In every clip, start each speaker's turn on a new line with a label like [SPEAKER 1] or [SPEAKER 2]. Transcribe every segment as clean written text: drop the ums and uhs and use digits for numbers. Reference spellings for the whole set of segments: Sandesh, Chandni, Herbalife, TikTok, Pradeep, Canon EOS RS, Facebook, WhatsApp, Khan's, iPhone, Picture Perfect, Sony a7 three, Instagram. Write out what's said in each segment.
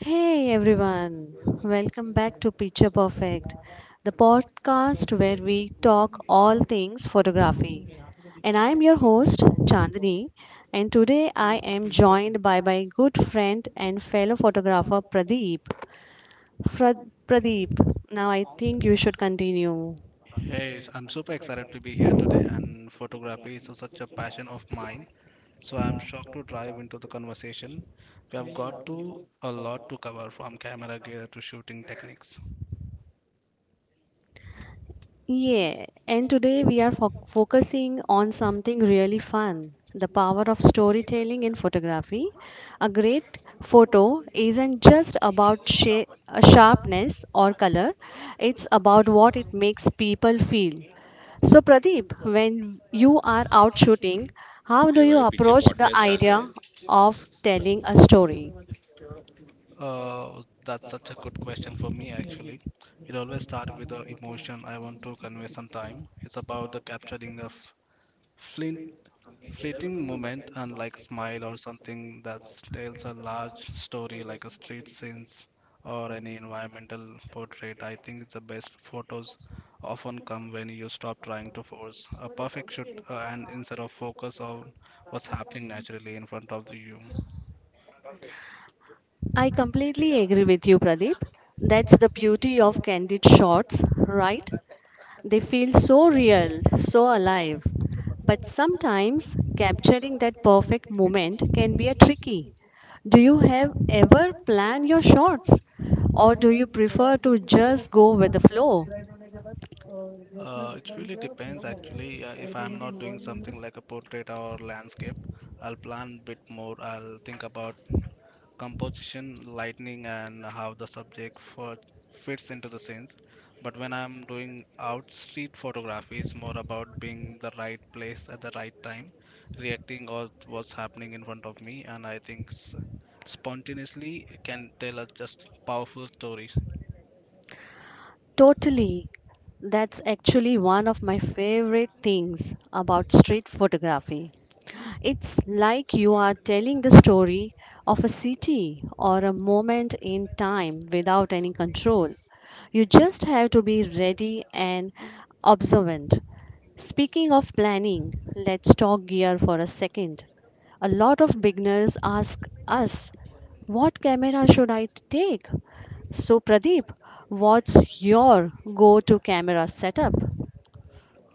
[SPEAKER 1] Hey everyone, welcome back to Picture Perfect, the podcast where we talk all things photography. And I am your host, Chandni, and today I am joined by my good friend and fellow photographer Pradeep. Fra- Pradeep, now I think you should continue.
[SPEAKER 2] I'm super excited to be here today, and photography is such a passion of mine. So I'm shocked to dive into the conversation. We have got to a lot to cover from camera gear to shooting techniques.
[SPEAKER 1] Yeah, and today we are focusing on something really fun, the power of storytelling in photography. A great photo isn't just about sharpness or color, it's about what it makes people feel. So, Pradeep, when you are out shooting, how do you
[SPEAKER 3] ए भाई
[SPEAKER 1] approach
[SPEAKER 3] पीछे
[SPEAKER 1] the
[SPEAKER 3] podcast
[SPEAKER 1] idea
[SPEAKER 3] चालू है
[SPEAKER 1] of telling a story?
[SPEAKER 2] That's such a good question for me, actually. It always starts with the emotion I want to convey sometime. It's about the capturing of flint fleeting moment, unlike smile or something that tells a large story like a street scenes or any environmental portrait. I think the best photos often come when you stop trying to force a perfect shoot and instead of focus on what's happening naturally in front of the you.
[SPEAKER 1] I completely agree with you, Pradeep. That's the beauty of candid shots, right? They feel so real, so alive. But sometimes capturing that perfect moment can be a tricky. Do you have ever planned your shots, or do you prefer to just go with the flow?
[SPEAKER 2] It really depends actually. If I'm not doing something like a portrait or landscape, I'll plan a bit more. I'll think about composition, lighting, and how the fits into the scenes. But when I'm doing out street photography, it's more about being the right place at the right time, reacting or what's happening in front of me, and I think spontaneously can tell us just powerful stories.
[SPEAKER 1] Totally. That's actually one of my favorite things about street photography. It's like you are telling the story of a city or a moment in time without any control. You just have to be ready and observant. Speaking of planning, let's talk gear for a second. A lot of beginners ask us, what camera should I take? So, Pradeep, what's your go to camera setup?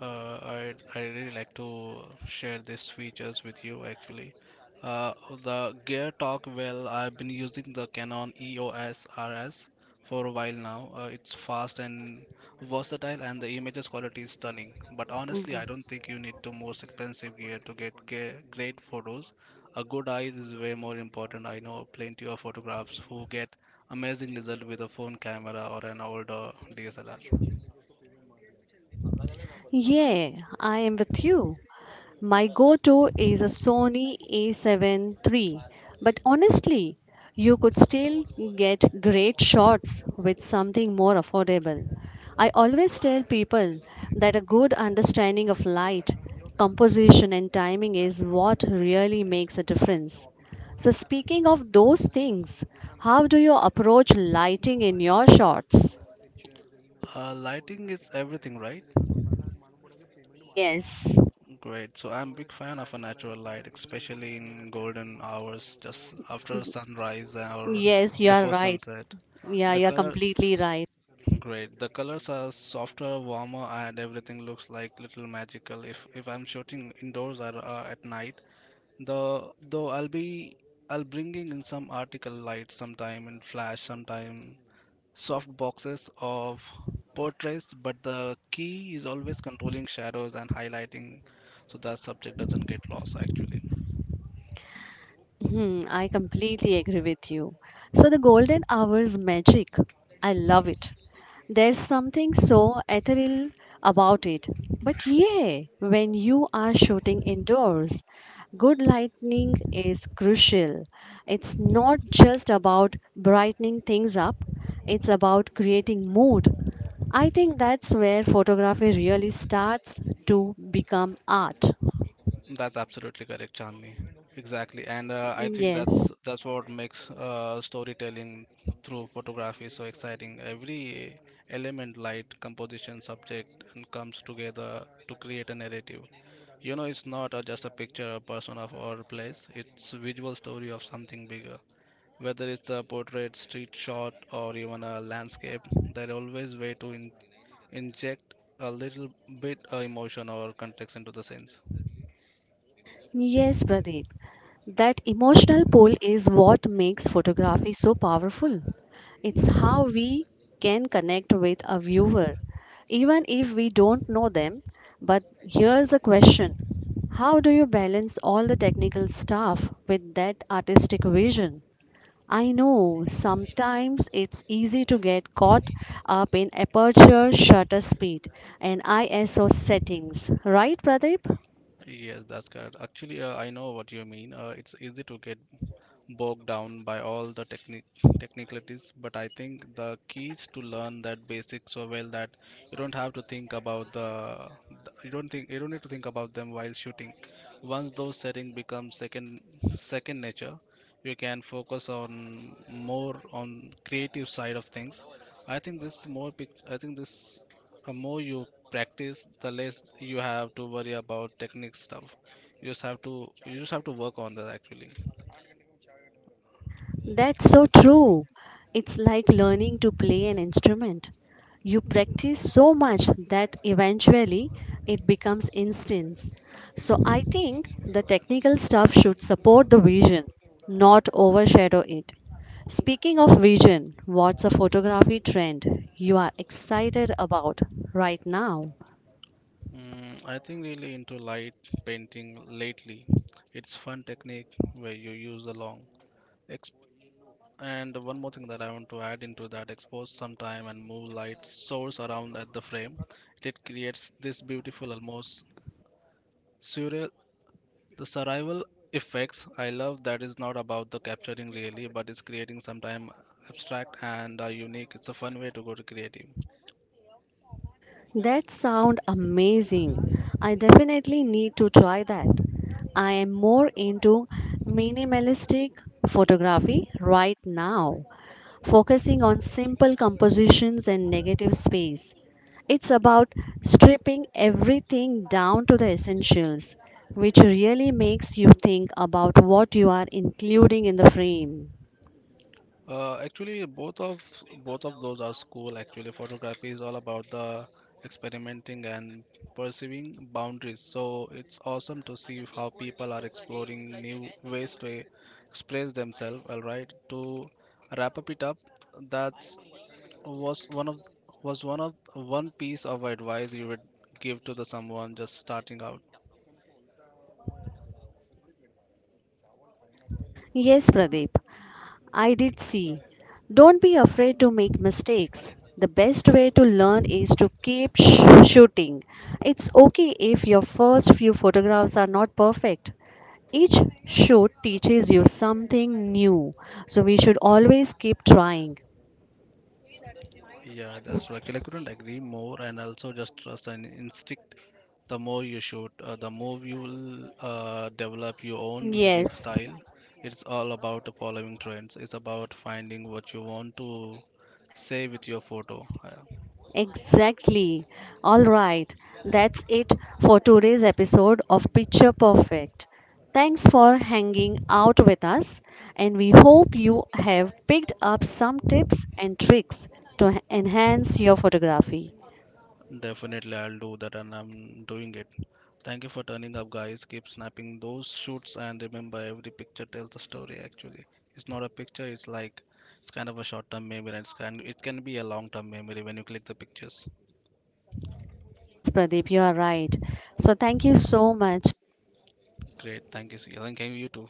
[SPEAKER 2] I really like to share these features with you actually. Uh, the Gear Talk, well, I've been using the Canon EOS RS for a while now. It's fast and versatile, and the images quality is stunning. But honestly, I don't think you need the most expensive gear to get great photos. A good eye is way more important. I know plenty of photographers who get amazing results with a phone camera or an older DSLR.
[SPEAKER 1] Yeah, I am with you. My go to is a Sony a7 three, but honestly, you could still get great shots with something more affordable. I always tell people that a good understanding of light, composition, and timing is what really makes a difference. So, speaking of those things, how do you approach lighting in your shots?
[SPEAKER 2] Lighting is everything, right?
[SPEAKER 1] Yes,
[SPEAKER 2] Great. So I'm a big fan of a natural light, especially in golden hours, just after sunrise or
[SPEAKER 1] yes, you are
[SPEAKER 2] before
[SPEAKER 1] right.
[SPEAKER 2] sunset.
[SPEAKER 1] Yeah,
[SPEAKER 2] The
[SPEAKER 1] you are
[SPEAKER 2] color,
[SPEAKER 1] completely right.
[SPEAKER 2] great. The colors are softer, warmer, and everything looks like little magical. If I'm shooting indoors or at night, though I'll bringing in some article light sometime and flash sometime soft boxes of portraits, but the key is always controlling shadows and highlighting so that subject doesn't get lost actually.
[SPEAKER 1] Hmm, I completely agree with you. So, the golden hour's magic, I love it. There's something so ethereal about it. But yeah, when you are shooting indoors, good lighting is crucial. It's not just about brightening things up, it's about creating mood. I think that's where photography really starts to become art.
[SPEAKER 2] That's absolutely correct, Chandni. Exactly, and I
[SPEAKER 1] Mm,
[SPEAKER 2] think
[SPEAKER 1] yes.
[SPEAKER 2] that's what makes storytelling through photography so exciting. Every element, light, composition, subject, and comes together to create a narrative. You know, it's not just a picture, a person, of or a place. It's a visual story of something bigger. Whether it's a portrait, street shot, or even a landscape, there are always way to inject a little bit of emotion or context into the scenes.
[SPEAKER 1] Yes, Pradeep. That emotional pull is what makes photography so powerful. It's how we can connect with a viewer, even if we don't know them. But here's a question: how do you balance all the technical stuff with that artistic vision? I know sometimes it's easy to get caught up in aperture, shutter speed, and ISO settings, right, Pradeep?
[SPEAKER 2] Yes, that's correct. Actually, I know what you mean. It's easy to get bogged down by all the technicalities, but I think the key is to learn that basic so well that you don't have to think about the you don't think you don't need to think about them while shooting. Once those settings become second nature, you can focus on more on creative side of things. I think this the more you practice, the less you have to worry about technique stuff. You just have to you just have to work on that actually.
[SPEAKER 1] That's so true. It's like learning to play an instrument. You practice so much that eventually it becomes instincts. So I think the technical stuff should support the vision, not overshadow it. Speaking of vision, what's a photography trend you are excited about right now?
[SPEAKER 2] Mm, I think really into light painting lately. It's fun technique where you use a long. Exp- and one more thing that I want to add into that expose some time and move light source around at the frame. It creates this beautiful almost surreal The survival effects I love that is not about the capturing really, but it's creating sometime abstract and unique. It's a fun way to go to creative.
[SPEAKER 1] That sound amazing. I definitely need to try that. I am more into minimalistic photography right now, focusing on simple compositions and negative space. It's about stripping everything down to the essentials, which really makes you think about what you are including in the frame.
[SPEAKER 2] Actually, both of those are cool. Actually, photography is all about the experimenting and perceiving boundaries. So it's awesome to see how people are exploring new ways to express themselves. All right, to wrap up it up, that's was one of was one of one piece of advice you would give to the someone just starting out.
[SPEAKER 1] Yes, Pradeep. I did see. Don't be afraid to make mistakes. The best way to learn is to keep shooting. It's okay if your first few photographs are not perfect. Each shoot teaches you something new, so we should always keep trying.
[SPEAKER 2] Yeah, that's right, I couldn't agree more, and also just trust an instinct. The more you shoot, the more you will develop your own unique
[SPEAKER 1] Yes.
[SPEAKER 2] style. It's all about following trends, it's about finding what you want to say with your photo.
[SPEAKER 1] Exactly. All right. That's it for today's episode of Picture Perfect. Thanks for hanging out with us, and we hope you have picked up some tips and tricks to enhance your photography.
[SPEAKER 2] Definitely, I'll do that and I'm doing it. Thank you for turning up, guys. Keep snapping those shoots and remember every picture tells a story actually. It's not a picture, it's like it's kind of a short term memory and it's kind it can be a long term memory when you click the pictures.
[SPEAKER 1] Yes, Pradeep, you are right. So, thank you so much.
[SPEAKER 2] Great, thank you, Sujal, and thank you too.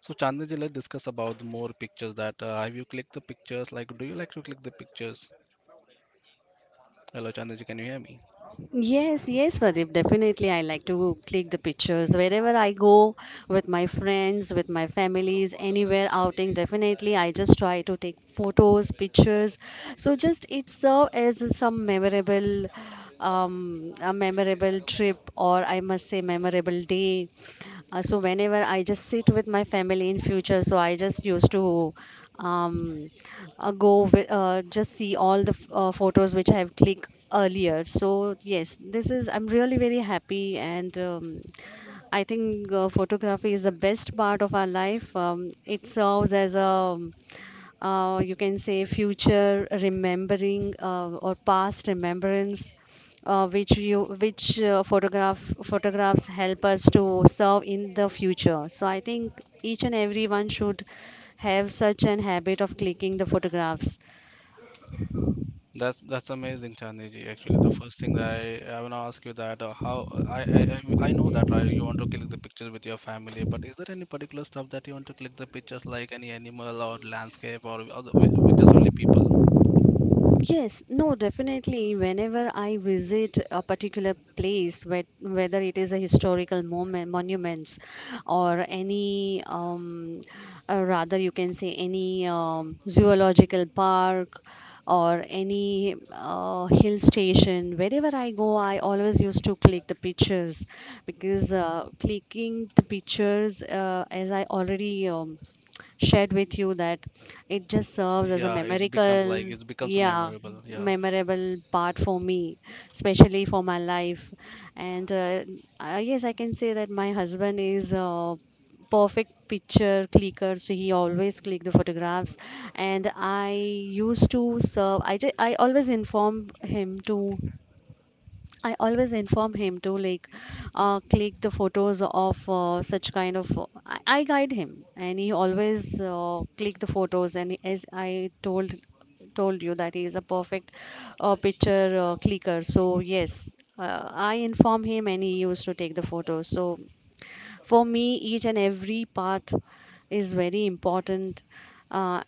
[SPEAKER 2] So Chandni ji, let's discuss about more pictures that have you clicked the pictures? Like do you like to click the pictures? Hello Chandni ji, can you hear me?
[SPEAKER 1] Yes, yes, Pradeep, definitely. I like to click the pictures wherever I go with my friends, with my families, anywhere outing. Definitely, I just try to take photos, pictures. So, just it serve as some memorable, a memorable trip, or I must say, memorable day. So, whenever I just sit with my family in future, so I just used to um, go with, just see all the photos which I have clicked earlier. So yes, this is I'm really very happy, and I think photography is the best part of our life. It serves as a you can say future remembering or past remembrance which you which photographs help us to serve in the future. So I think each and everyone should have such an habit of clicking the photographs.
[SPEAKER 2] That's amazing, Chandni. Actually, the first thing that I want to ask you that how I know that right, you want to click the pictures with your family, but is there any particular stuff that you want to click the pictures like any animal or landscape or other with just only people?
[SPEAKER 1] Yes, no, definitely. Whenever I visit a particular place, whether it is a historical moment, monuments, or any, rather you can say any zoological park or any hill station, wherever I go, I always used to click the pictures, because clicking the pictures, as I already shared with you that it just serves as a
[SPEAKER 2] Yeah, it's becomes like
[SPEAKER 1] memorable,
[SPEAKER 2] it becomes
[SPEAKER 1] yeah,
[SPEAKER 2] memorable. Yeah.
[SPEAKER 1] memorable part for me, especially for my life. And Yes, I can say that my husband is a perfect picture clicker, so he always click the photographs. And I used to serve, I always inform him to like click the photos of such kind of. I guide him, and he always click the photos. And as I told you that he is a perfect picture clicker. So yes, I inform him, and he used to take the photos. So for me each and every part is very important, uh,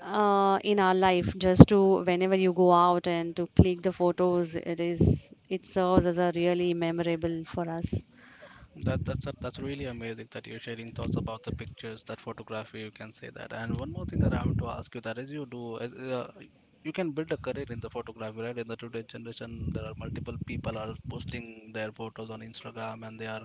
[SPEAKER 1] in our life. Just to whenever you go out and to click the photos, it is, it serves as a really memorable for us.
[SPEAKER 2] That's really amazing that you're sharing thoughts about the pictures, that photography. You can say that. And one more thing that I want to ask you that is you do as you can build a career in the photography, right? In the today generation, there are multiple people are posting their photos on Instagram, and they are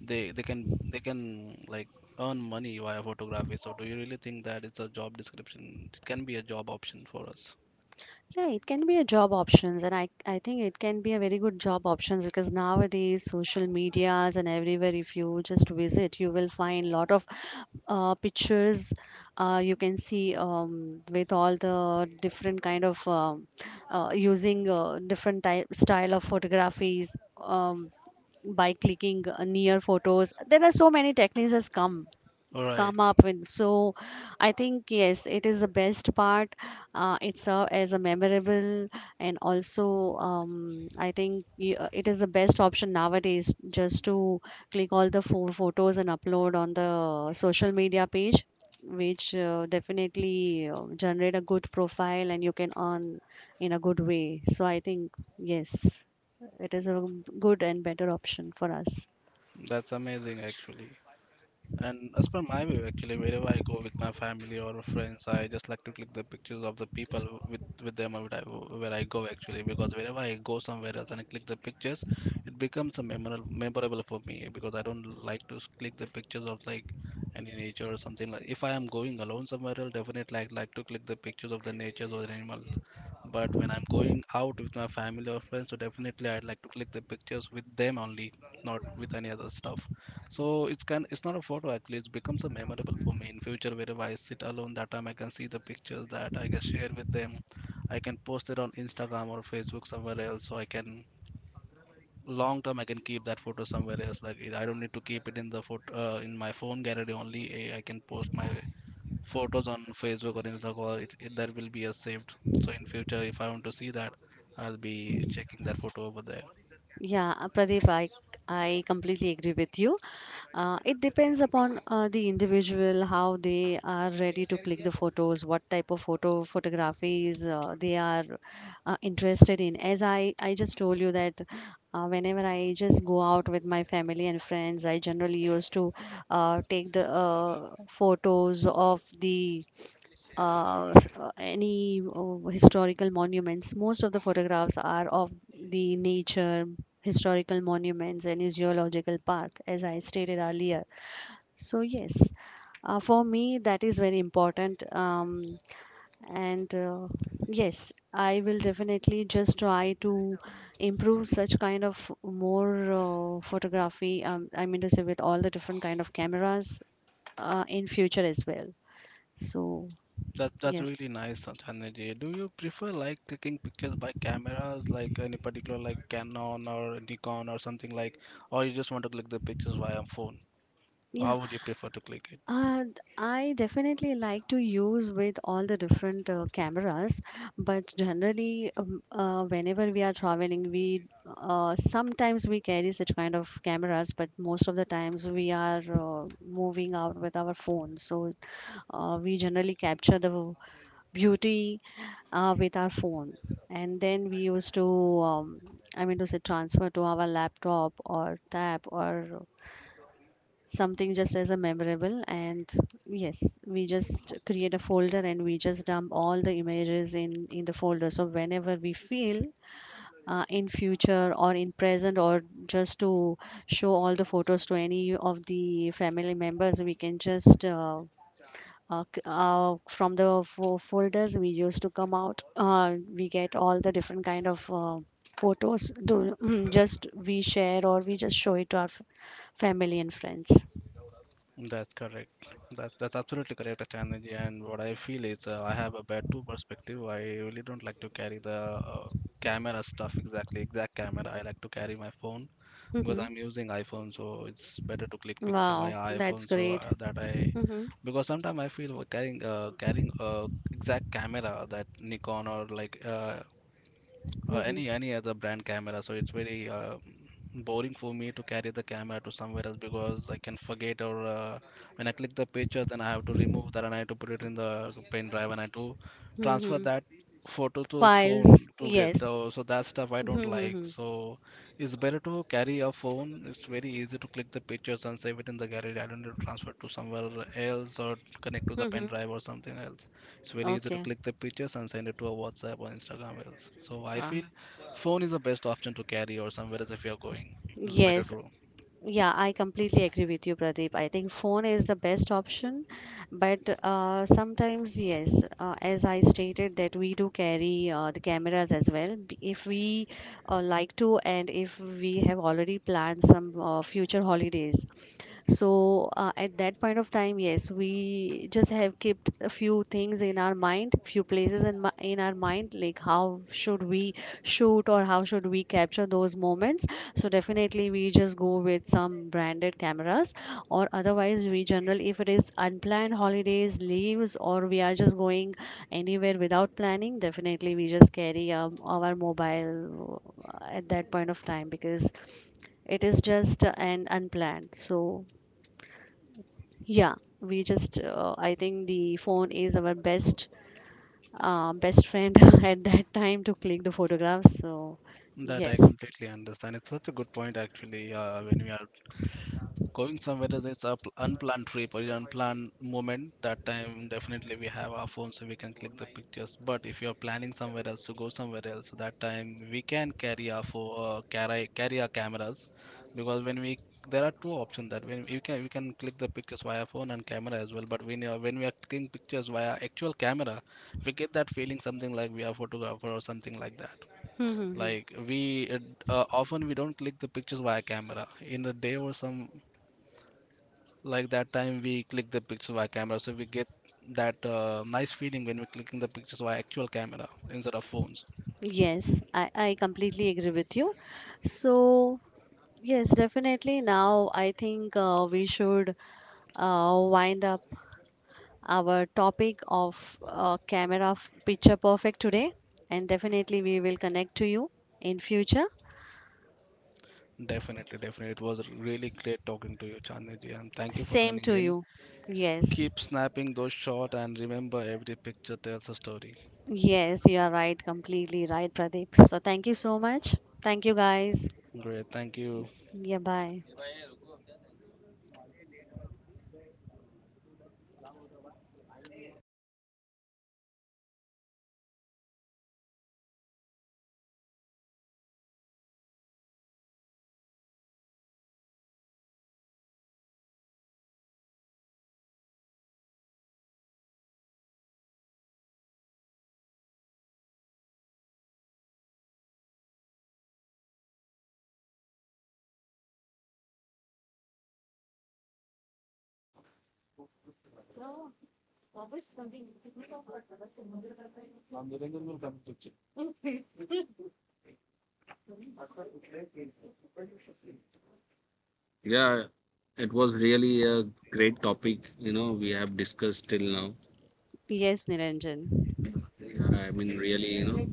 [SPEAKER 2] they can like earn money via photography. So do you really think that it's a job description? It can be a job option for us.
[SPEAKER 1] Yeah, it can be a job options, and I think it can be a very good job options, because nowadays social medias and everywhere, if you just visit, you will find lot of pictures. You can see, with all the different kind of using different type style of photographies, um, by clicking near photos. There are so many techniques has come
[SPEAKER 2] All right,
[SPEAKER 1] come up with. So I think yes, it is the best part, it's a, as a memorable, and also I think it is the best option nowadays just to click all the four photos and upload on the social media page, which definitely generate a good profile, and you can earn in a good way. So I think, yes, it is a good and better option for us.
[SPEAKER 2] that's amazing actually. And as per my view, actually, wherever I go with my family or friends, I just like to click the pictures of the people with them where I go actually, because wherever I go somewhere else and I click the pictures, it becomes a memorable for me because I don't like to click the pictures of like any nature or something like. If I am going alone somewhere else, definitely I like to click the pictures of the natures or the animals. But when I'm going out with my family or friends, so definitely I'd like to click the pictures with them only, not with any other stuff. So it's can it's not a photo actually, it becomes a memorable for me in future wherever I sit alone that time I can see the pictures that I can share with them. I can post it on Instagram or Facebook somewhere else so I can long term I can keep that photo somewhere else. Like it- I don't need to keep it in the photo in my phone gallery only. Eh, I can post my photos on Facebook or Instagram. That will be a saved. So in future if I want to see that, I'll be checking that photo over there.
[SPEAKER 1] Yeah, Pradeep, I completely agree with you. It depends upon the individual, how they are ready to click the photos, what type of photographies they are interested in. As I just told you that whenever I just go out with my family and friends, I generally used to take the photos of the any historical monuments. Most of the photographs are of the nature, historical monuments, any zoological park, as I stated earlier. So, yes, for me, that is very important. And yes, I will definitely just try to improve such kind of more photography. I mean to say, with all the different kind of cameras in future as well. So,
[SPEAKER 2] That's
[SPEAKER 1] yes,
[SPEAKER 2] really nice, Sanjay. Do you prefer like taking pictures by cameras, like any particular like Canon or Nikon or something like, or you just want to click the pictures via phone?
[SPEAKER 1] yeah.
[SPEAKER 2] How would you prefer to click it?
[SPEAKER 1] I definitely like to use with all the different cameras, but generally, whenever we are traveling, we sometimes we carry such kind of cameras, but most of the times we are moving out with our phone. So we generally capture the beauty with our phone, and then we used to, um, I mean, to say transfer to our laptop or tab or something, just as a memorable. And yes, we just create a folder, and we just dump all the images in the folder. So whenever we feel in future or in present, or just to show all the photos to any of the family members, we can just from the folders we used to come out, we get all the different kind of photos to just we share or we just show it to our family and friends.
[SPEAKER 2] That's correct. That's absolutely correct, Sanjay. And what I feel is I have a bad two perspective. I really don't like to carry the uh, camera stuff exact camera. I like to carry my phone because
[SPEAKER 1] Hmm.
[SPEAKER 2] I'm using iPhone, so it's better to click picture
[SPEAKER 1] Wow,
[SPEAKER 2] via
[SPEAKER 1] that's
[SPEAKER 2] iPhone. So
[SPEAKER 1] great. Mm-hmm,
[SPEAKER 2] because sometimes I feel we're carrying exact camera that Nikon or like
[SPEAKER 1] mm-hmm,
[SPEAKER 2] any other brand camera, so it's very boring for me to carry the camera to somewhere else because I can forget or when I click the picture then I have to remove that and I have to put it in the pen drive and I have to transfer
[SPEAKER 1] mm-hmm.
[SPEAKER 2] that photo to
[SPEAKER 1] Files,
[SPEAKER 2] phone to get
[SPEAKER 1] yes.
[SPEAKER 2] the, so that stuff I don't like.
[SPEAKER 1] Mm-hmm,
[SPEAKER 2] So it's better to carry a phone. It's very easy to click the pictures and save it in the gallery. I don't need to transfer to somewhere else or connect to the
[SPEAKER 1] mm-hmm.
[SPEAKER 2] pen drive or something else. It's very easy to
[SPEAKER 1] Okay.
[SPEAKER 2] click the pictures and send it to a WhatsApp or Instagram else. So I
[SPEAKER 1] Uh,
[SPEAKER 2] feel phone is the best option to carry or somewhere else if you're going. It's better
[SPEAKER 1] yes.
[SPEAKER 2] to
[SPEAKER 1] Yeah, I completely agree with you, Pradeep. I think phone is the best option, but sometimes yes, as I stated that we do carry the cameras as well. If we like to, and if we have already planned some future holidays. So at that point of time, yes, we just have kept a few things in our mind, few places in our mind, like how should we shoot or how should we capture those moments, so definitely we just go with some branded cameras, or otherwise we general if it is unplanned holidays leaves or we are just going anywhere without planning, definitely we just carry our mobile at that point of time because it is just an unplanned. So yeah, we just I think the phone is our best friend at that time to click the photographs. So
[SPEAKER 2] that I
[SPEAKER 1] yes.
[SPEAKER 2] completely understand. It's such a good point actually when we are going somewhere is it's a unplanned trip or an unplanned moment. That time definitely we have our phone so we can click the pictures. But if you're planning somewhere else to go somewhere else, that time we can carry our phone, carry our cameras, because when we there are two options that when you can we can click the pictures via phone and camera as well. But when we are clicking pictures via actual camera, we get that feeling something like we are photographer or something like that. Like we often we don't click the pictures via camera. In a day or some like that time we click the pictures via camera, so we get that nice feeling when we're clicking the pictures via actual camera instead of phones.
[SPEAKER 1] Yes, I completely agree with you. So, yes, definitely. Now, I think we should wind up our topic of picture perfect today. And definitely, we will connect to you in future.
[SPEAKER 2] Definitely, it was really great talking to you, Chandni Ji, and thank you for
[SPEAKER 1] Same
[SPEAKER 2] tuning
[SPEAKER 1] to
[SPEAKER 2] in.
[SPEAKER 1] you. Yes,
[SPEAKER 2] Keep snapping those shots, and remember, every picture tells a story.
[SPEAKER 1] yes, you are right. Completely right, Pradeep. So, thank you so much. Thank you, guys.
[SPEAKER 2] Great, thank you.
[SPEAKER 1] Yeah, bye.
[SPEAKER 3] Yeah it was really a great topic you know we have discuss till now
[SPEAKER 1] Yes, Niranjan.
[SPEAKER 3] I mean really you know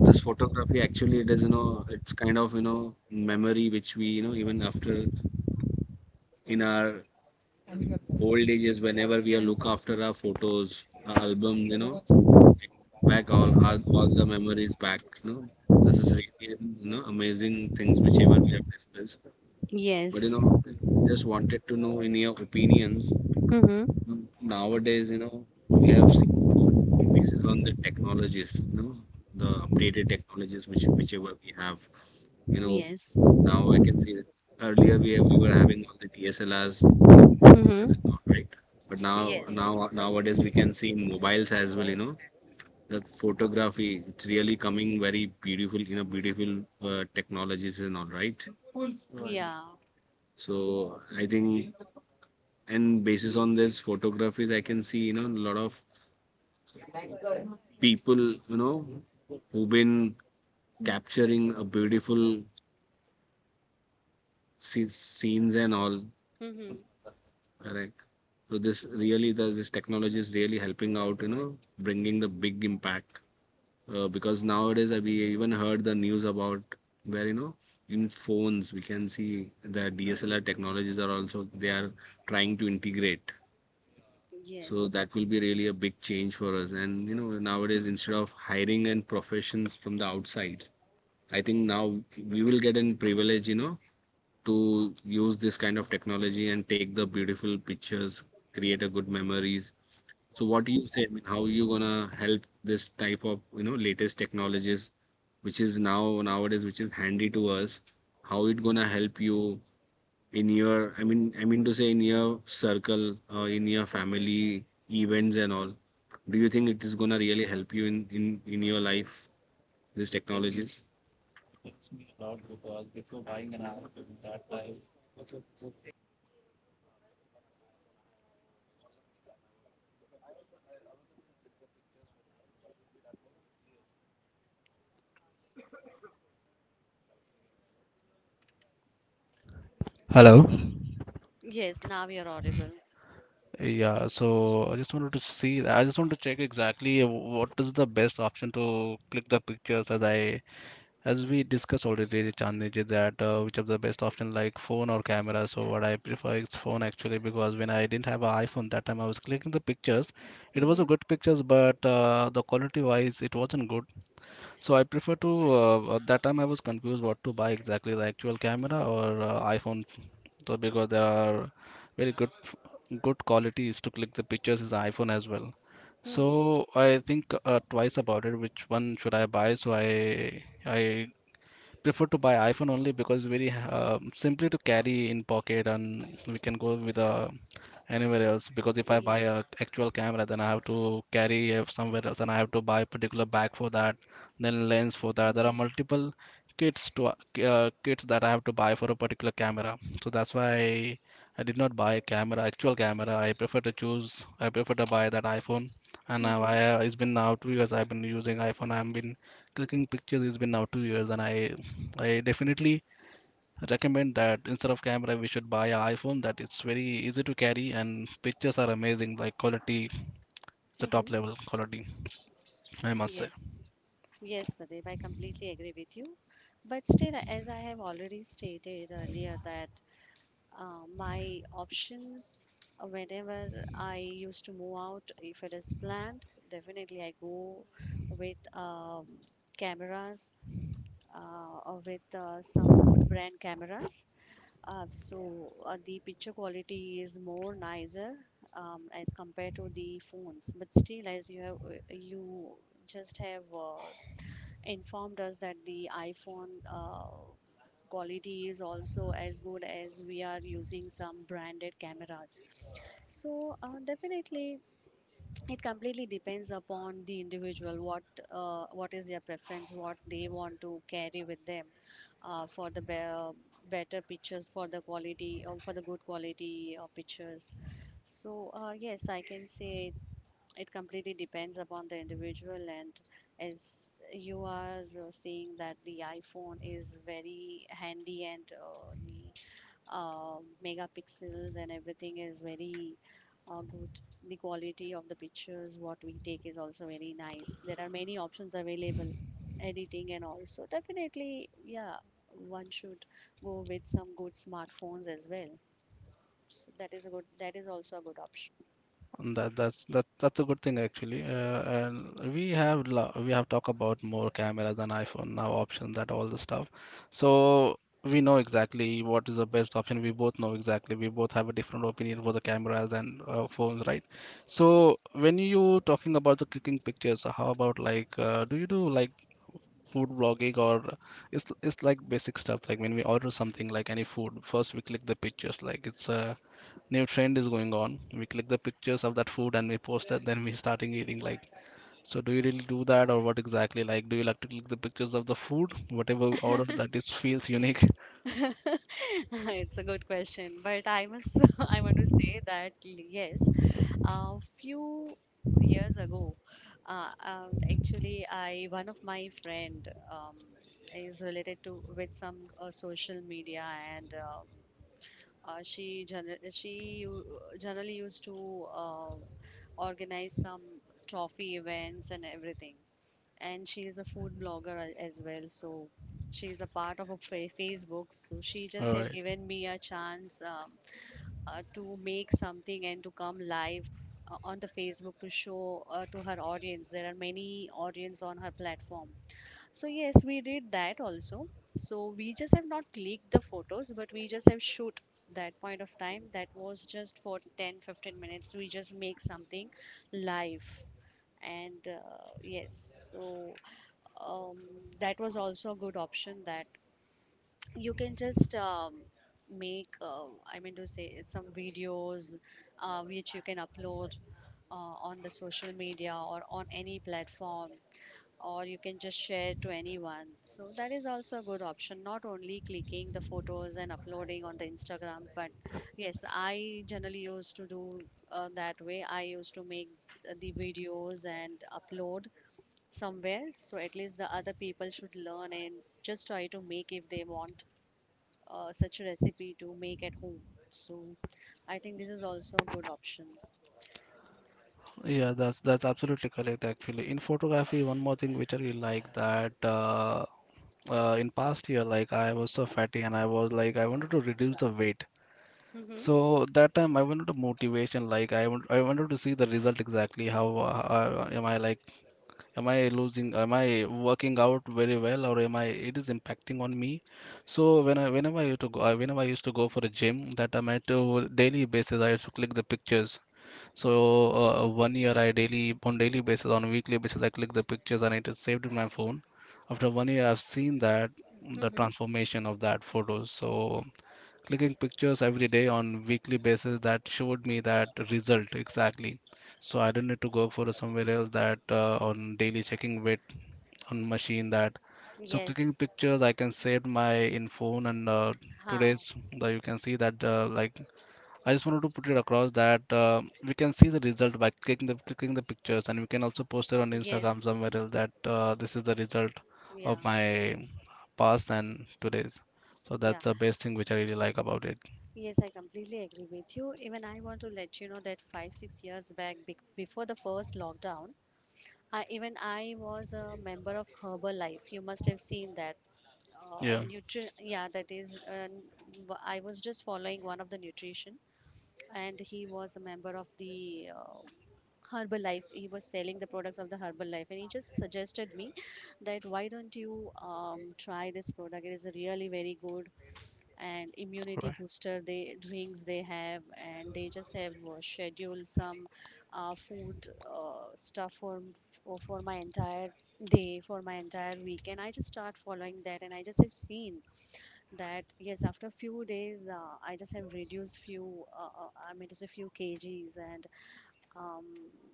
[SPEAKER 3] this photography, actually. It is, you know, it's kind of, you know, memory which we, you know, even after in our old ages, whenever we are look after our photos, our album, you know, back all the memories back, you know. This is really, you know, amazing things whichever we have discussed. But you
[SPEAKER 1] Yes.
[SPEAKER 3] know, just wanted to know in your opinions
[SPEAKER 1] Mm-hmm.
[SPEAKER 3] nowadays, you know, we have seen, uh, based on the technologies, you know, the updated technologies which whichever we have, you know,
[SPEAKER 1] Yes.
[SPEAKER 3] now I can see that earlier we were having all the DSLRs,
[SPEAKER 1] Mm-hmm.
[SPEAKER 3] right? But now
[SPEAKER 1] Yes.
[SPEAKER 3] now nowadays we can see in mobiles as well, you know, the photography, it's really coming very beautiful, you know, beautiful technologies and all right.
[SPEAKER 1] Yeah.
[SPEAKER 3] So I think and basis on this photographies, I can see, you know, a lot of people, you know, who've been capturing a beautiful scenes and all.
[SPEAKER 1] Mm-hmm.
[SPEAKER 3] Correct. So this really, does this technology is really helping out, you know, bringing the big impact. Because nowadays, we even heard the news about where, you know, in phones, we can see the DSLR technologies are also, they are trying to integrate. So
[SPEAKER 1] Yes.
[SPEAKER 3] that will be really a big change for us. And, you know, nowadays, instead of hiring and professions from the outside, I think now we will get in privilege, you know, to use this kind of technology and take the beautiful pictures, create a good memories. So what do you say? I mean, how you gonna help this type of, you know, latest technologies which is now nowadays which is handy to us? How it gonna help you in your, I mean to say in your circle or in your family events and all. Do you think it is gonna really help you in in your life, these technologies?
[SPEAKER 2] Hello.
[SPEAKER 1] Yes, now you're audible.
[SPEAKER 2] yeah so I just want to check exactly what is the best option to click the pictures as I as we discussed already, Chandni ji, that which of the best option, like phone or camera. So what I prefer is phone actually, because when I didn't have an iPhone, that time I was clicking the pictures. It
[SPEAKER 1] Mm-hmm.
[SPEAKER 2] was a good pictures, but the quality wise, it wasn't good. So I prefer to at that time I was confused what to buy exactly, the actual camera or iPhone. So because there are very good qualities to click the pictures is iPhone as well.
[SPEAKER 1] Mm.
[SPEAKER 2] So I think twice about it, which one should I buy? So I prefer to buy iPhone only because very simply to carry in pocket and we can go with anywhere else. Because if I buy a
[SPEAKER 1] Yes.
[SPEAKER 2] actual camera, then I have to carry it somewhere else and I have to buy a particular bag for that, then lens for that. There
[SPEAKER 1] Mm-hmm.
[SPEAKER 2] are multiple kits to kits that I have to buy for a particular camera. So that's why I did not buy a camera, actual camera. I prefer to choose. I prefer to buy that iPhone. And now
[SPEAKER 1] Mm-hmm.
[SPEAKER 2] I it's been now two years. I've been using iPhone. I've been clicking pictures. It's been now two years, and I definitely recommend that instead of camera, we should buy an iPhone. That it's very easy to carry and pictures are amazing. Like quality, it's a
[SPEAKER 1] Mm-hmm.
[SPEAKER 2] top level quality, I must say.
[SPEAKER 1] Yes. Yes, Pradeep, I completely agree with you. But still, as I have already stated earlier, that my options, whenever I used to move out, if it is planned, definitely I go with cameras or with some good brand cameras. The picture quality is more nicer as compared to the phones, but still, as you have you just have informed us that the iPhone quality is also as good as we are using some branded cameras. So definitely it completely depends upon the individual what is their preference, what they want to carry with them for the better pictures, for the quality or for the good quality of pictures. So yes, I can say it completely depends upon the individual, and as you are saying that the iPhone is very handy and the uh, megapixels and everything is very good. The quality of the pictures what we take is also very nice. There are many options available, editing and also definitely yeah, one should go with some good smartphones as well. So that is a good. That is also a good option.
[SPEAKER 2] And that's a good thing actually. And we have we have talked about more cameras and iPhone now, options, that all the stuff. So we know exactly what is the best option. We both know exactly. We both have a different opinion for the cameras and phones, right? So when you talking about the clicking pictures, how about like do you do like food vlogging? Or it's like basic stuff, like when we order something like any food, first we click the pictures. Like it's a new trend is going on, we click the pictures of that food and we post that, then we starting eating like. So do you really do that, or what exactly, like, do you like to click the pictures of the food whatever we order? That is feels unique.
[SPEAKER 1] It's a good question, but I must. I want to say that yes, a few years ago, actually, I one of my friend is related to with some social media, and she gener she u- generally used to organize some trophy events and everything. And she is a food blogger as well, so she is a part of a fa Facebook. So she just
[SPEAKER 2] All
[SPEAKER 1] have
[SPEAKER 2] right.
[SPEAKER 1] given me a chance. To make something and to come live on the Facebook to show to her audience. There are many audience on her platform, so yes, we did that also. So we just have not leaked the photos, but we just have shoot that point of time. That was just for 10, 15 minutes. We just make something live, and yes. So um, that was also a good option, that you can just make I mean to say some videos which you can upload on the social media or on any platform, or you can just share to anyone. So that is also a good option, not only clicking the photos and uploading on the Instagram. But yes, I generally used to do that way. I used to make the videos and upload somewhere, so at least the other people should learn and just try to make if they want such a recipe to make at home. So I think this is also a good option.
[SPEAKER 2] Yeah, that's absolutely correct actually. In photography, one more thing which I really like, that in past year, like, I was so fatty and I was like, I wanted to reduce the weight.
[SPEAKER 1] Mm-hmm.
[SPEAKER 2] So that time I wanted a motivation, like I wanted to see the result exactly. How am I like? Am I losing? Am I working out very well, or am I? It is impacting on me. So whenever I used to go, whenever I used to go for a gym, that time I to daily basis I used to click the pictures. So one year I daily on daily basis on weekly basis I click the pictures and it is saved in my phone. After one year I've seen that the
[SPEAKER 1] Mm-hmm.
[SPEAKER 2] transformation of that photo. So clicking pictures every day on weekly basis, that showed me that result exactly. So I don't need to go for somewhere else, that on daily checking with on machine. That so clicking
[SPEAKER 1] Yes.
[SPEAKER 2] pictures, I can save my in phone. And
[SPEAKER 1] How?
[SPEAKER 2] today's, that you can see that like, I just wanted to put it across that we can see the result by clicking the pictures, and we can also post it on Instagram
[SPEAKER 1] Yes.
[SPEAKER 2] somewhere else that this is the result
[SPEAKER 1] Yeah.
[SPEAKER 2] of my past and today's. So
[SPEAKER 1] Yeah.
[SPEAKER 2] that's the best thing which I really like about it.
[SPEAKER 1] Yes, I completely agree with you. Even I want to let you know that five, 6 years back, before the first lockdown, even I was a member of Herbalife. You must have seen that.
[SPEAKER 2] Yeah.
[SPEAKER 1] Yeah, that is, I was just following one of the nutrition, and he was a member of the Herbalife. He was selling the products of the Herbalife, and he just suggested me that why don't you try this product? It is really very good and immunity
[SPEAKER 2] Right.
[SPEAKER 1] booster. They drinks they have, and they just have scheduled some food stuff for my entire day, for my entire week, and I just start following that, and I just have seen that yes, after few days I just have reduced few I mean just a few kgs, and um,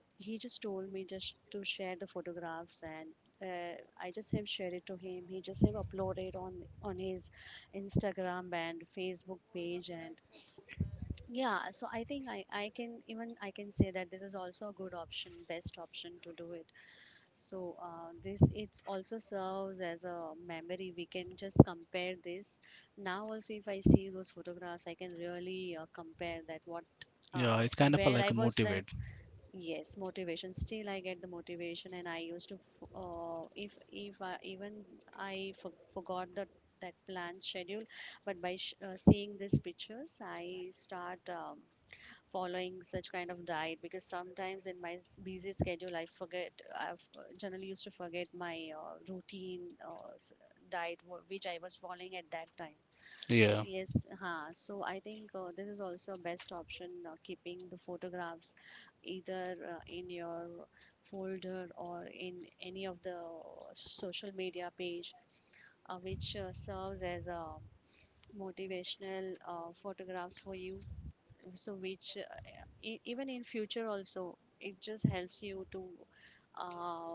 [SPEAKER 1] he just told me just to share the photographs, and I just have shared it to him. He just have uploaded on his Instagram and Facebook page. And yeah, so I think I can, even I can say that this is also a good option, best option to do it. So this, it also serves as a memory. We can just compare this. Now also if I see those photographs, I can really compare that what uh,
[SPEAKER 2] Yeah. It's kind of
[SPEAKER 1] where
[SPEAKER 2] a,
[SPEAKER 1] I
[SPEAKER 2] like a
[SPEAKER 1] was then.
[SPEAKER 2] motivate.
[SPEAKER 1] Yes, motivation. Still, I get the motivation, and I used to, if even I forgot the that planned schedule, but by seeing these pictures, I start following such kind of diet, because sometimes in my busy schedule I forget. I've generally used to forget my routine uh, diet which I was following at that time. So
[SPEAKER 2] Yeah.
[SPEAKER 1] yes, huh. So I think this is also a best option, keeping the photographs either in your folder or in any of the social media page which serves as a motivational photographs for you. So which even in future also, it just helps you to um,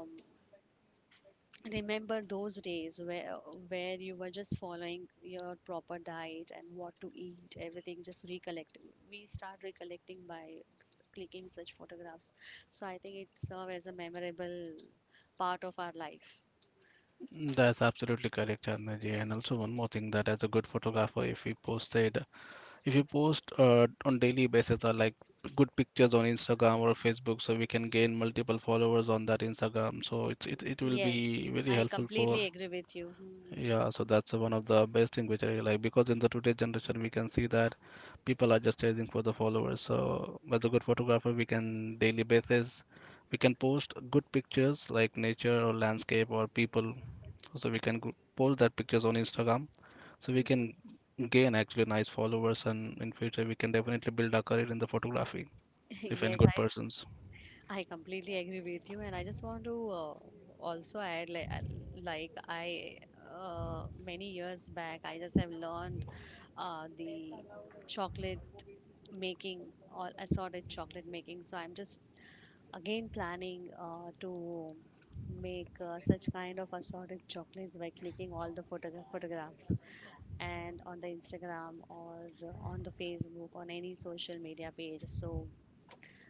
[SPEAKER 1] remember those days where you were just following your proper diet, and what to eat, everything just recollect. We start recollecting by clicking such photographs. So I think it serves as a memorable part of our life.
[SPEAKER 2] That's absolutely correct, Chandnaji. And also one more thing, that as a good photographer, if if you post on daily basis or like good pictures on Instagram or Facebook, so we can gain multiple followers on that Instagram. So it will
[SPEAKER 1] Yes,
[SPEAKER 2] be very
[SPEAKER 1] I
[SPEAKER 2] helpful
[SPEAKER 1] completely
[SPEAKER 2] for,
[SPEAKER 1] agree with you. Hmm.
[SPEAKER 2] yeah. So that's one of the best thing which I like, because in the today generation we can see that people are just chasing for the followers. So as a good photographer, we can daily basis we can post good pictures like nature or landscape or people, so we can post that pictures on Instagram, so we
[SPEAKER 1] Mhm.
[SPEAKER 2] can gain actually nice followers, and in future we can definitely build our career in the photography if
[SPEAKER 1] Yes,
[SPEAKER 2] any good
[SPEAKER 1] I.
[SPEAKER 2] persons.
[SPEAKER 1] I completely agree with you, and I just want to also add like I many years back, I just have learned the chocolate making or assorted chocolate making. So I'm just again planning to make such kind of assorted chocolates by clicking all the photographs and on the Instagram or on the Facebook, on any social media page. So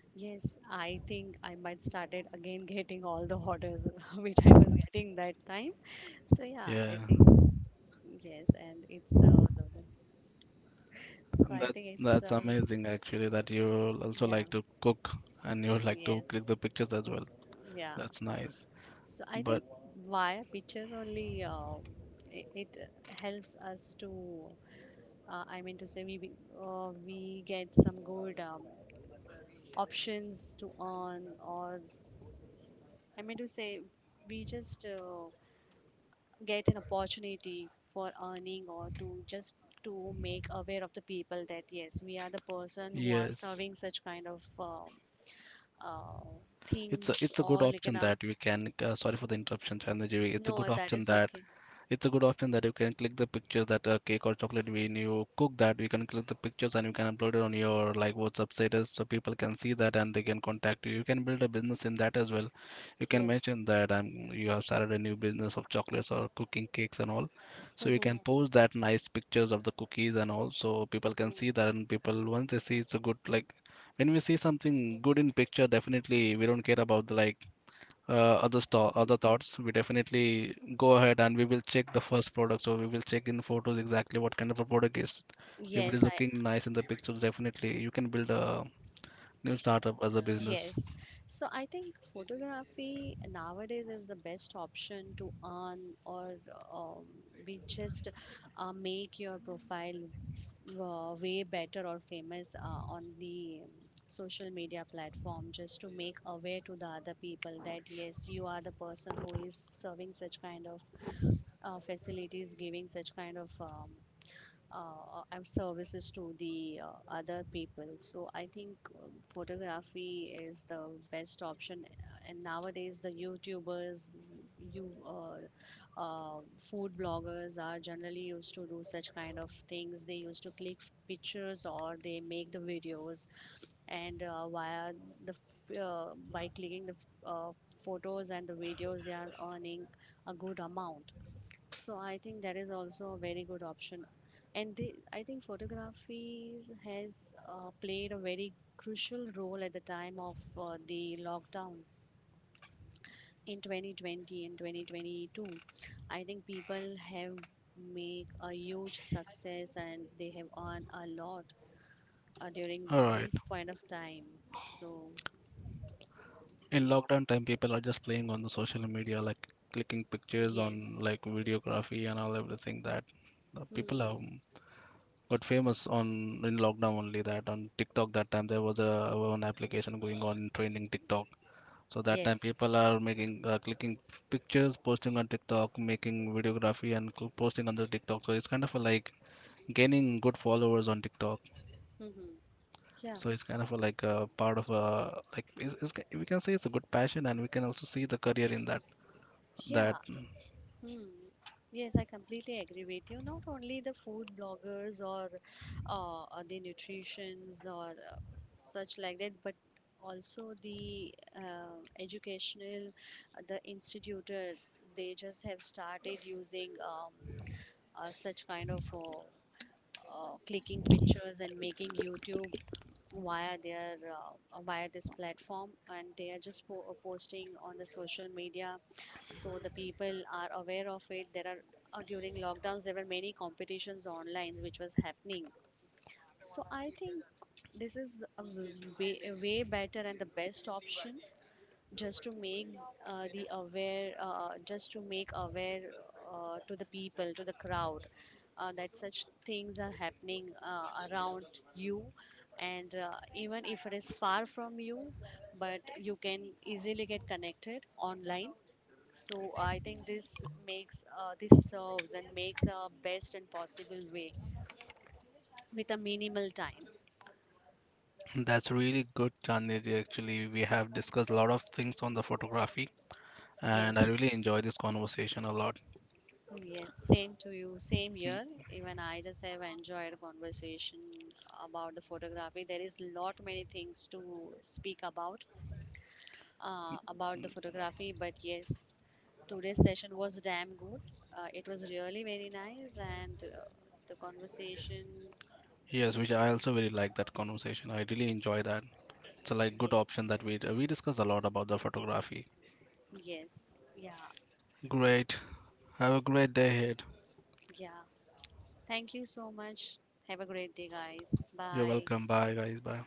[SPEAKER 1] yes, I think I might started again getting all the orders which I was getting that time. So yeah, I
[SPEAKER 2] Yeah,
[SPEAKER 1] think yes, and it's so I
[SPEAKER 2] and
[SPEAKER 1] think
[SPEAKER 2] that's that's amazing actually, that you also
[SPEAKER 1] yeah,
[SPEAKER 2] like to cook and you like to click
[SPEAKER 1] yes,
[SPEAKER 2] the pictures as well.
[SPEAKER 1] yeah.
[SPEAKER 2] That's nice.
[SPEAKER 1] So I think
[SPEAKER 2] But
[SPEAKER 1] via pictures only it helps us to I mean to say we we get some good options to earn, or I mean to say we just get an opportunity for earning, or to just to make aware of the people that yes, we are the person who are
[SPEAKER 2] yes,
[SPEAKER 1] serving such kind of uh,
[SPEAKER 2] it's a
[SPEAKER 1] things or
[SPEAKER 2] good
[SPEAKER 1] like in
[SPEAKER 2] option
[SPEAKER 1] a.
[SPEAKER 2] that we can. Sorry for the interruption, Chandraji. It's a
[SPEAKER 1] No,
[SPEAKER 2] good
[SPEAKER 1] that is
[SPEAKER 2] option that
[SPEAKER 1] okay.
[SPEAKER 2] you can click the pictures, that cake or chocolate, when you cook, that you can click the pictures and you can upload it on your like WhatsApp status, so people can see that and they can contact you. You can build a business in that as well. You can
[SPEAKER 1] Yes.
[SPEAKER 2] mention that I'm you have started a new business of chocolates or cooking cakes and all. So you can post that nice pictures of the cookies and all, so people can see that, and people once they see it's a good like, when we see something good in picture, definitely we don't care about the like other other thoughts. We definitely go ahead and we will check the first product, so we will check in photos exactly what kind of a product is. If
[SPEAKER 1] Yes,
[SPEAKER 2] it is
[SPEAKER 1] I.
[SPEAKER 2] looking nice in the pictures, definitely you can build a new startup as a
[SPEAKER 1] Yes.
[SPEAKER 2] business.
[SPEAKER 1] So I think photography nowadays is the best option to earn, or um, we just make your profile way better or famous on the social media platform, just to make aware to the other people that yes, you are the person who is serving such kind of facilities, giving such kind of and services to the other people. So I think photography is the best option. And nowadays, the YouTubers, you food bloggers are generally used to do such kind of things. They used to click pictures or they make the videos, and via the by clicking the uh, photos and the videos, they are earning a good amount. So I think that is also a very good option. And they, I think photography has played a very crucial role at the time of the lockdown in 2020 and 2022. I think people have made a huge success and they have earned a lot during
[SPEAKER 2] All
[SPEAKER 1] this
[SPEAKER 2] right.
[SPEAKER 1] point of time. So
[SPEAKER 2] In
[SPEAKER 1] yes.
[SPEAKER 2] lockdown time, people are just playing on the social media like clicking pictures on
[SPEAKER 1] Yes.
[SPEAKER 2] like videography and all everything. That the
[SPEAKER 1] Hmm.
[SPEAKER 2] people have got famous on, in lockdown only, that on TikTok. That time there was a one application going on in training, TikTok. So that time
[SPEAKER 1] Yes.
[SPEAKER 2] people are making clicking pictures, posting on TikTok, making videography and posting on the TikTok. So it's kind of a, like gaining good followers on TikTok.
[SPEAKER 1] Hmm. Yeah.
[SPEAKER 2] So it's kind of a, like a part of a like we can say it's a good passion, and we can also see the career in that.
[SPEAKER 1] Yeah.
[SPEAKER 2] That.
[SPEAKER 1] Hmm. Yes, I completely agree with you. Not only the food bloggers or the nutritions or such like that, but also the educational, the institutor, they just have started using such kind of clicking pictures and making YouTube via their via this platform, and they are just posting on the social media, so the people are aware of it. There are during lockdowns there were many competitions online which was happening. So I think this is way, a way better and the best option just to make the aware just to make aware to the people, to the crowd, that such things are happening around you. And even if it is far from you, but you can easily get connected online. So I think this makes this serves and makes a best and possible way with a minimal time.
[SPEAKER 2] That's really good, Chandni. Ji. Actually, we have discussed a lot of things on the photography, and I
[SPEAKER 1] Yes.
[SPEAKER 2] really enjoy this conversation a lot.
[SPEAKER 1] Mm, yes, same to you, same year. Even I just have enjoyed conversation about the photography. There is lot many things to speak about the photography, but yes, today's session was damn good. It was really very nice, and the conversation
[SPEAKER 2] Yes, which I
[SPEAKER 1] was
[SPEAKER 2] also really like that conversation. I really enjoy that. It's a like good
[SPEAKER 1] yes,
[SPEAKER 2] option that we discussed a lot about the photography.
[SPEAKER 1] yes, yeah,
[SPEAKER 2] Great. Have a great day ahead.
[SPEAKER 1] yeah. Thank you so much. Have a great day, guys.
[SPEAKER 2] You're
[SPEAKER 1] Bye.
[SPEAKER 2] welcome. Bye guys. Bye.